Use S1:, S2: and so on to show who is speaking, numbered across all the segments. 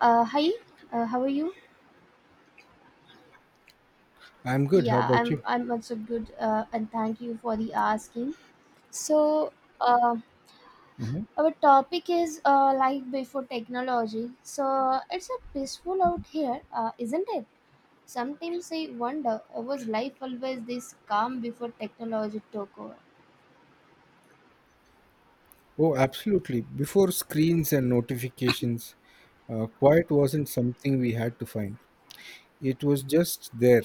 S1: Hi, how are you?
S2: I'm good. How
S1: Yeah,
S2: about
S1: I'm
S2: you?
S1: I'm also good, and thank you for the asking. So, uh,
S2: hmm
S1: our topic is life before technology. So it's a peaceful out here, isn't it? Sometimes I wonder, was life always this calm before technology took over?
S2: Oh, absolutely. Before screens and notifications, quiet wasn't something we had to find. It was just there.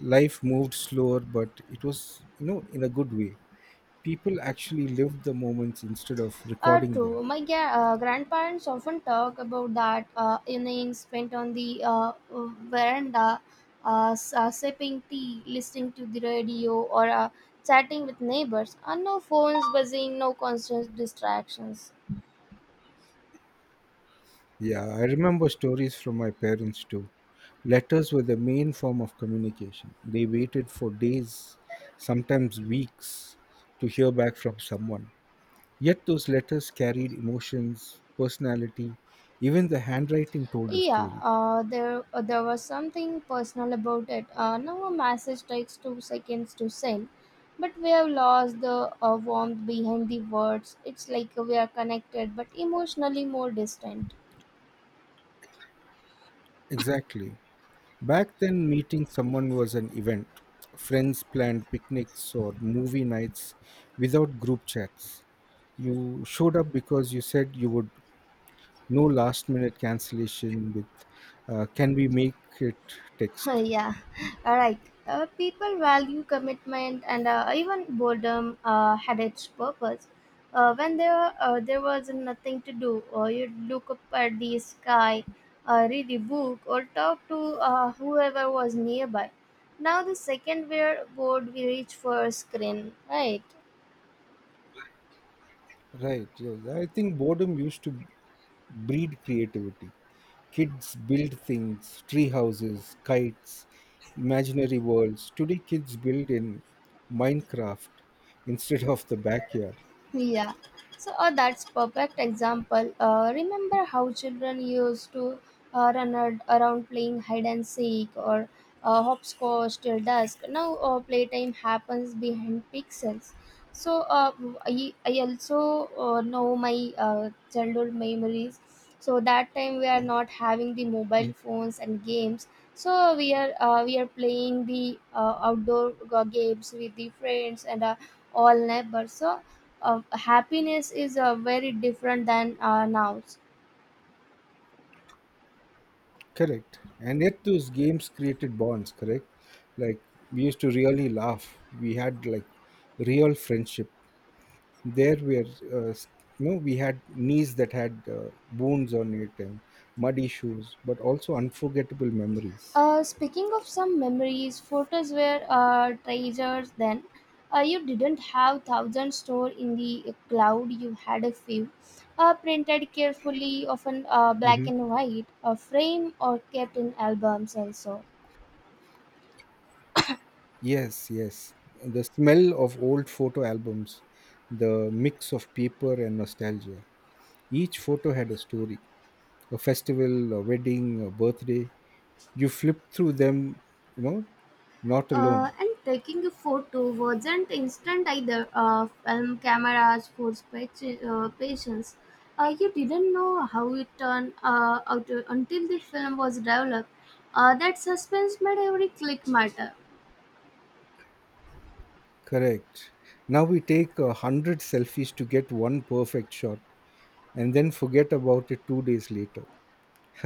S2: Life moved slower, but it was, in a good way. People actually lived the moments instead of recording them.
S1: True. My grandparents often talk about that evenings spent on the veranda, sipping tea, listening to the radio, or chatting with neighbors. And no phones buzzing, no constant distractions.
S2: Yeah, I remember stories from my parents too. Letters were the main form of communication. They waited for days, sometimes weeks, to hear back from someone. Yet those letters carried emotions, personality, even the handwriting told a
S1: Yeah,
S2: story.
S1: there was something personal about it. Now a message takes 2 seconds to send, but we have lost the warmth behind the words. It's like we are connected, but emotionally more distant.
S2: Exactly. Back then, meeting someone was an event. Friends planned picnics or movie nights without group chats. You showed up because you said you would, no last minute cancellation with can we make it text.
S1: Yeah, all right. People value commitment, and even boredom had its purpose. When there was nothing to do, or you'd look up at the sky, read a book, or talk to whoever was nearby. Now, the second we're bored, we reach for a screen, right?
S2: Right, yes. I think boredom used to breed creativity. Kids build things, tree houses, kites, imaginary worlds. Today, kids build in Minecraft instead of the backyard.
S1: Yeah. So that's perfect example. Remember how children used to run around playing hide and seek or hopscotch till dusk. Now playtime happens behind pixels. So I also know my childhood memories. So that time we are not having the mobile
S2: Mm.
S1: phones and games. So we are playing the outdoor games with the friends and all neighbors. So happiness is very different than now.
S2: Correct. And yet, those games created bonds, correct? Like, we used to really laugh. We had like real friendship. There, were, uh, s- we had knees that had wounds on it and muddy shoes, but also unforgettable memories.
S1: Speaking of some memories, photos were treasures then. You didn't have thousands stored in the cloud, you had a few. Printed carefully, often black
S2: Mm-hmm.
S1: and white, a frame or kept in albums also.
S2: Yes, yes. The smell of old photo albums, the mix of paper and nostalgia. Each photo had a story, a festival, a wedding, a birthday. You flip through them, you know, not alone.
S1: And taking a photo wasn't instant either. Film cameras force patience. You didn't know how it turned out until the film was developed. That suspense made every click matter.
S2: Correct. Now we take a hundred selfies to get one perfect shot and then forget about it 2 days later.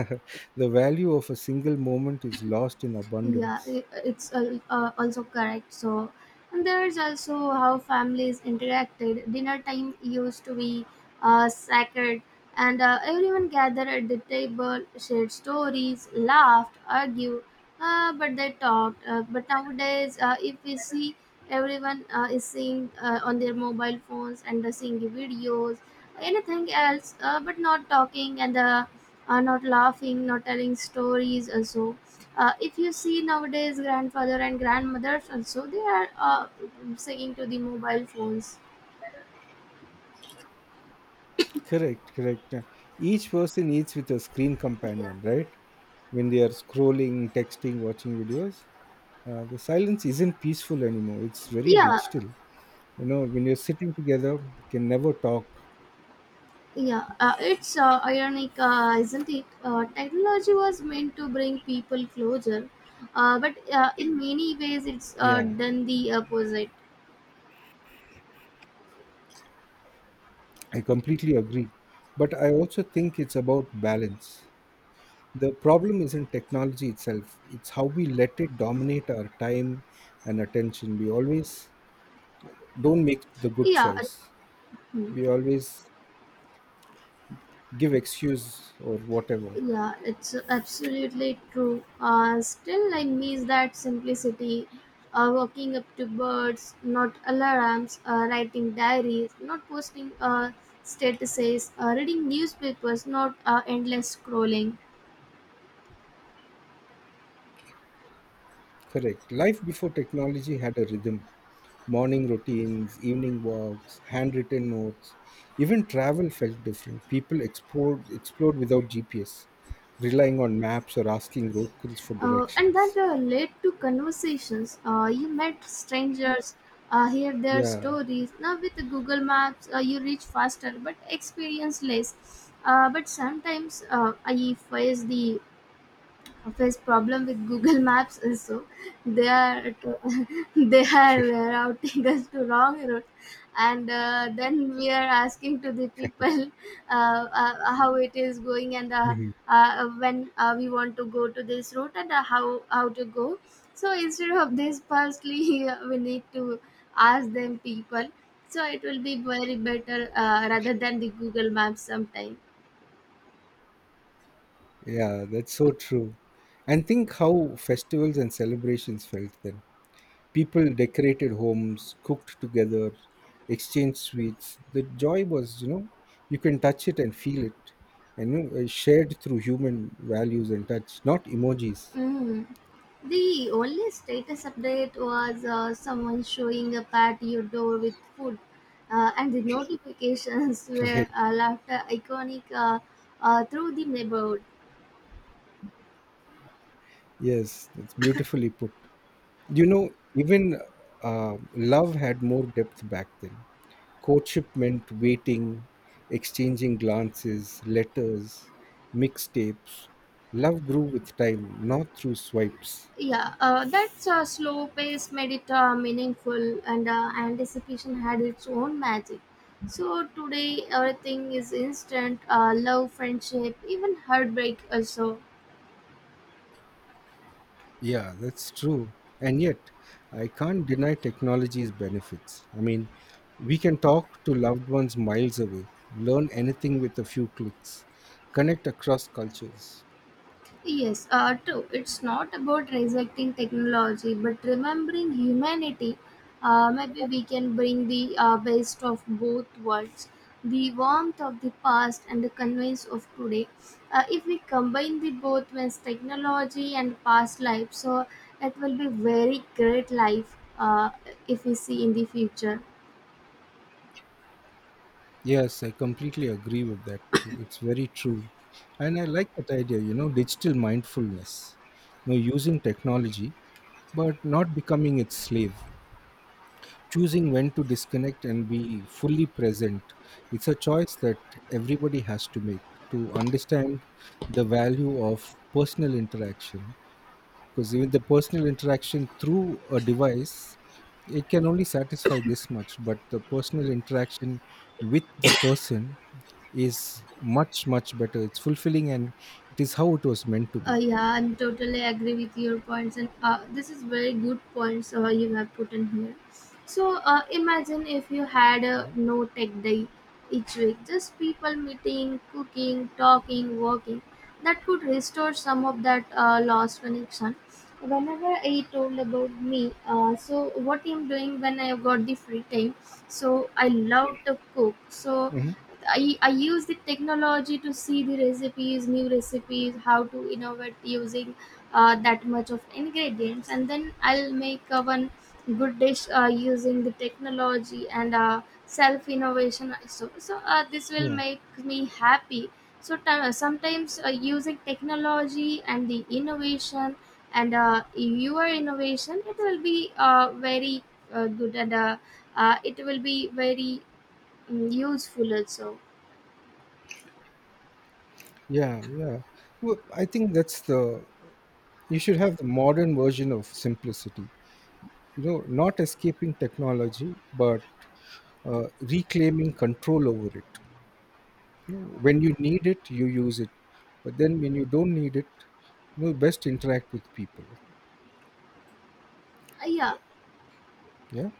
S2: The value of a single moment is lost in
S1: Yeah,
S2: abundance.
S1: it's also correct, so and there's also how families interacted. Dinner time used to be sacred, and everyone gathered at the table, shared stories, laughed, argued, but they talked, but nowadays, if we see, everyone is seeing on their mobile phones and seeing the videos, anything else, but not talking, and not laughing, not telling stories also. If you see nowadays, grandfather and grandmothers also, they are singing to the mobile phones.
S2: Correct, correct. Each person eats with a screen companion, right? When they are scrolling, texting, watching videos, the silence isn't peaceful anymore. It's very
S1: Yeah,
S2: digital. You know, when you're sitting together, you can never talk.
S1: yeah. It's ironic, isn't it? Technology was meant to bring people closer, but in many ways, it's
S2: Yeah,
S1: done the opposite.
S2: I completely agree. But I also think it's about balance. The problem isn't technology itself, it's how we let it dominate our time and attention. We always don't make the good
S1: Yeah.
S2: choice.
S1: Hmm.
S2: We always give excuse or whatever.
S1: Yeah, it's absolutely true. Still, I miss that simplicity. Waking up to birds, not alarms, writing diaries, not posting statuses, reading newspapers, not endless scrolling.
S2: Correct. Life before technology had a rhythm. Morning routines, evening walks, handwritten notes, even travel felt different. People explored without GPS, relying on maps or asking locals for
S1: And that
S2: directions.
S1: led to conversations. You met strangers, hear their
S2: Yeah.
S1: stories. Now, with the Google Maps, you reach faster but experience less. But sometimes I face the Of his problem with Google Maps is so they are they are routing us to wrong route, and then we are asking to the people, how it is going, and
S2: Mhm.
S1: when we want to go to this route, and how to go. So instead of this, firstly we need to ask them people. So it will be very better rather than the Google Maps sometime.
S2: Yeah, that's so true. And think how festivals and celebrations felt then. People decorated homes, cooked together, exchanged sweets. The joy was, you know, you can touch it and feel it, and shared through human values and touch, not emojis.
S1: Mm. The only status update was someone showing up at your door with food, and the notifications were
S2: Right.
S1: laughter iconic through the neighborhood.
S2: Yes, that's beautifully put. You know, even Love had more depth back then. Courtship meant waiting, exchanging glances, letters, mixtapes. Love grew with time, not through swipes.
S1: Yeah, that slow pace made it meaningful, and anticipation had its own magic. So today, everything is instant, love, friendship, even heartbreak, also.
S2: Yeah, that's true. And yet, I can't deny technology's benefits. I mean, we can talk to loved ones miles away, learn anything with a few clicks, connect across cultures.
S1: Yes, true. It's not about rejecting technology, but remembering humanity. Maybe we can bring the best of both worlds, the warmth of the past and the convenience of today. If we combine the both means technology and past life, so it will be very great life if we see in the future.
S2: Yes, I completely agree with that. It's very true. And I like that idea, you know, digital mindfulness. You know, using technology, but not becoming its slave. Choosing when to disconnect and be fully present, it's a choice that everybody has to make, to understand the value of personal interaction, because even the personal interaction through a device, it can only satisfy this much, but the personal interaction with the person is much much better. It's fulfilling, and it is how it was meant to be.
S1: Yeah, I totally agree with your points, and this is very good points you have put in here. So imagine if you had a no tech day each week, just people meeting, cooking, talking, working. That could restore some of that lost connection. Whenever I told about me, so what I'm doing when I got the free time, so I love to cook. So
S2: Mhm.
S1: I use the technology to see the recipes, new recipes, how to innovate using that much of ingredients, and then I'll make one good dish using the technology and self innovation. So, this will
S2: yeah
S1: make me happy. So sometimes using technology and the innovation and your innovation, it will be very good, and it will be very useful also.
S2: yeah. Well, I think that's the, You should have the modern version of simplicity. You know, not escaping technology, but reclaiming control over it. You know, when you need it, you use it. But then when you don't need it, you know, best interact with people.
S1: Yeah,
S2: Yeah,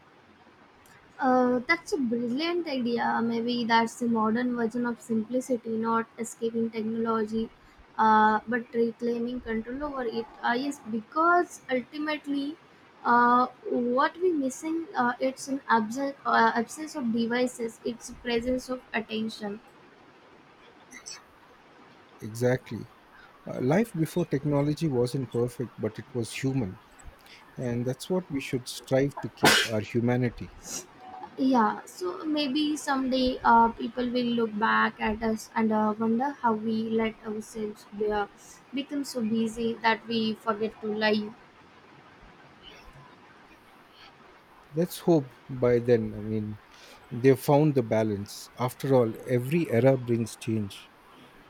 S1: that's a brilliant idea. Maybe that's the modern version of simplicity, not escaping technology, but reclaiming control over it. Yes, because ultimately, what we're missing, it's an absence, absence of devices. It's presence of attention.
S2: exactly. Life before technology wasn't perfect, but it was human. And that's what we should strive to keep our humanity.
S1: Yeah, so maybe someday people will look back at us and wonder how we let ourselves become so busy that we forget to live.
S2: Let's hope by then, I mean, they've found the balance. After all, every era brings change.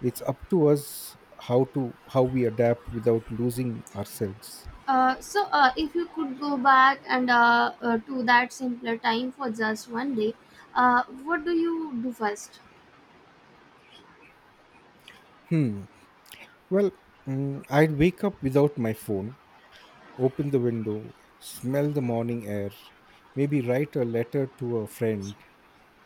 S2: It's up to us how we adapt without losing ourselves.
S1: So, if you could go back and to that simpler time for just one day, what do you do first?
S2: Hmm. Well, I'd wake up without my phone, open the window, smell the morning air, maybe write a letter to a friend,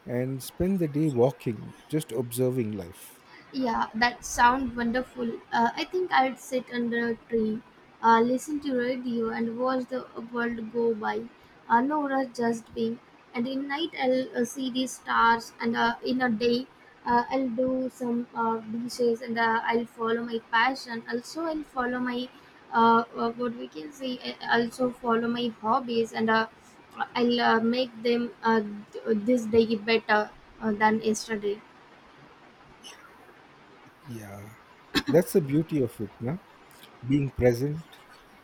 S2: and spend the day walking, just observing life.
S1: Yeah, that sound wonderful. I think I'd sit under a tree, listen to radio, and watch the world go by. No rush, just being. And in night, I'll see the stars, and in a day, I'll do some dishes, and I'll follow my passion. Also, I'll follow my what we can say. I also follow my hobbies, and I'll make them this day better than yesterday.
S2: Yeah, that's the beauty of it, no? Being present.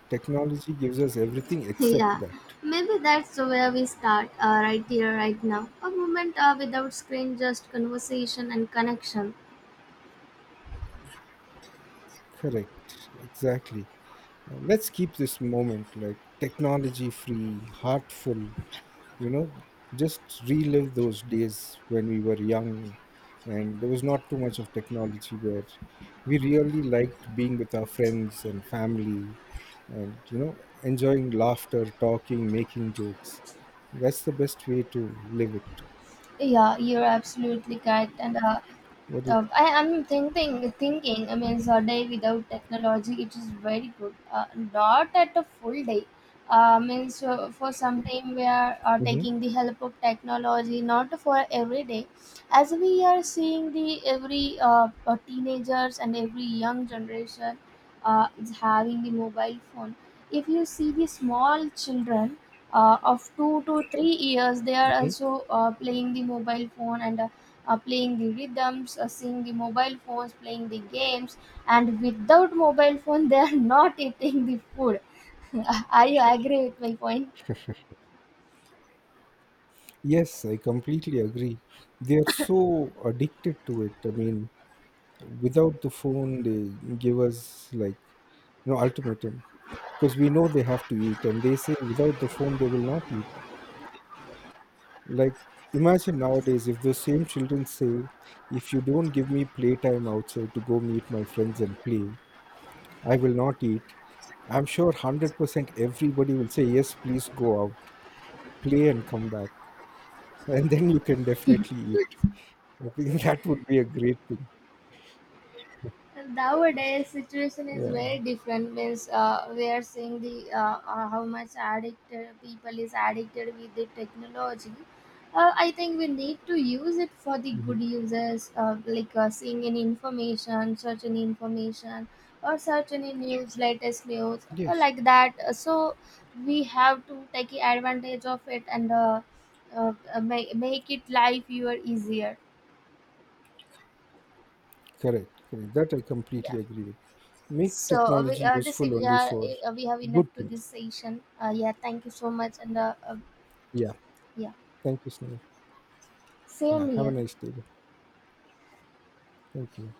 S2: Technology gives us everything except
S1: Yeah,
S2: that.
S1: maybe that's where we start, right here, right now. A moment without screen, just conversation and connection.
S2: Correct. Exactly. Let's keep this moment like technology free, heartful, you know, just relive those days when we were young and there was not too much of technology, where we really liked being with our friends and family and, you know, enjoying laughter, talking, making jokes. That's the best way to live it.
S1: Yeah, you're absolutely correct. And
S2: What is.
S1: I am thinking. I mean, so a day without technology, it is very good. Not at a full day. Means for some time we are
S2: hmm
S1: taking the help of technology, not for every day. As we are seeing the every teenagers and every young generation is having the mobile phone. If you see the small children of 2 to 3 years, they are
S2: hmm
S1: also playing the mobile phone, and playing the rhythms, seeing the mobile phones, playing the games, and without mobile phone they are not eating the food. Are you agree with my point?
S2: Yes, I completely agree. They are so addicted to it. I mean, without the phone they give us like, you know, ultimatum, because we know they have to eat and they say without the phone they will not eat. Like, imagine nowadays if those same children say, if you don't give me playtime outside to go meet my friends and play, I will not eat. I'm sure 100% everybody will say yes, please go out, play and come back, and then you can definitely eat. I think that would be a great thing.
S1: Nowadays situation is
S2: Yeah.
S1: very different means we are seeing the how much addicted people is addicted with the technology. I think we need to use it for the good
S2: Mhm.
S1: uses, like seeing any information, searching information, or search any news, latest news or
S2: Yes.
S1: like that. So we have to take advantage of it and make it life your easier.
S2: Correct, correct. That I completely agree with. Make
S1: So
S2: technology useful only for
S1: we have enough
S2: good
S1: to this
S2: things.
S1: session. Yeah, thank you so much, and
S2: Yeah.
S1: yeah,
S2: Thank you, Snail. Yeah,
S1: same
S2: have a
S1: here.
S2: nice day, bro. Thank you.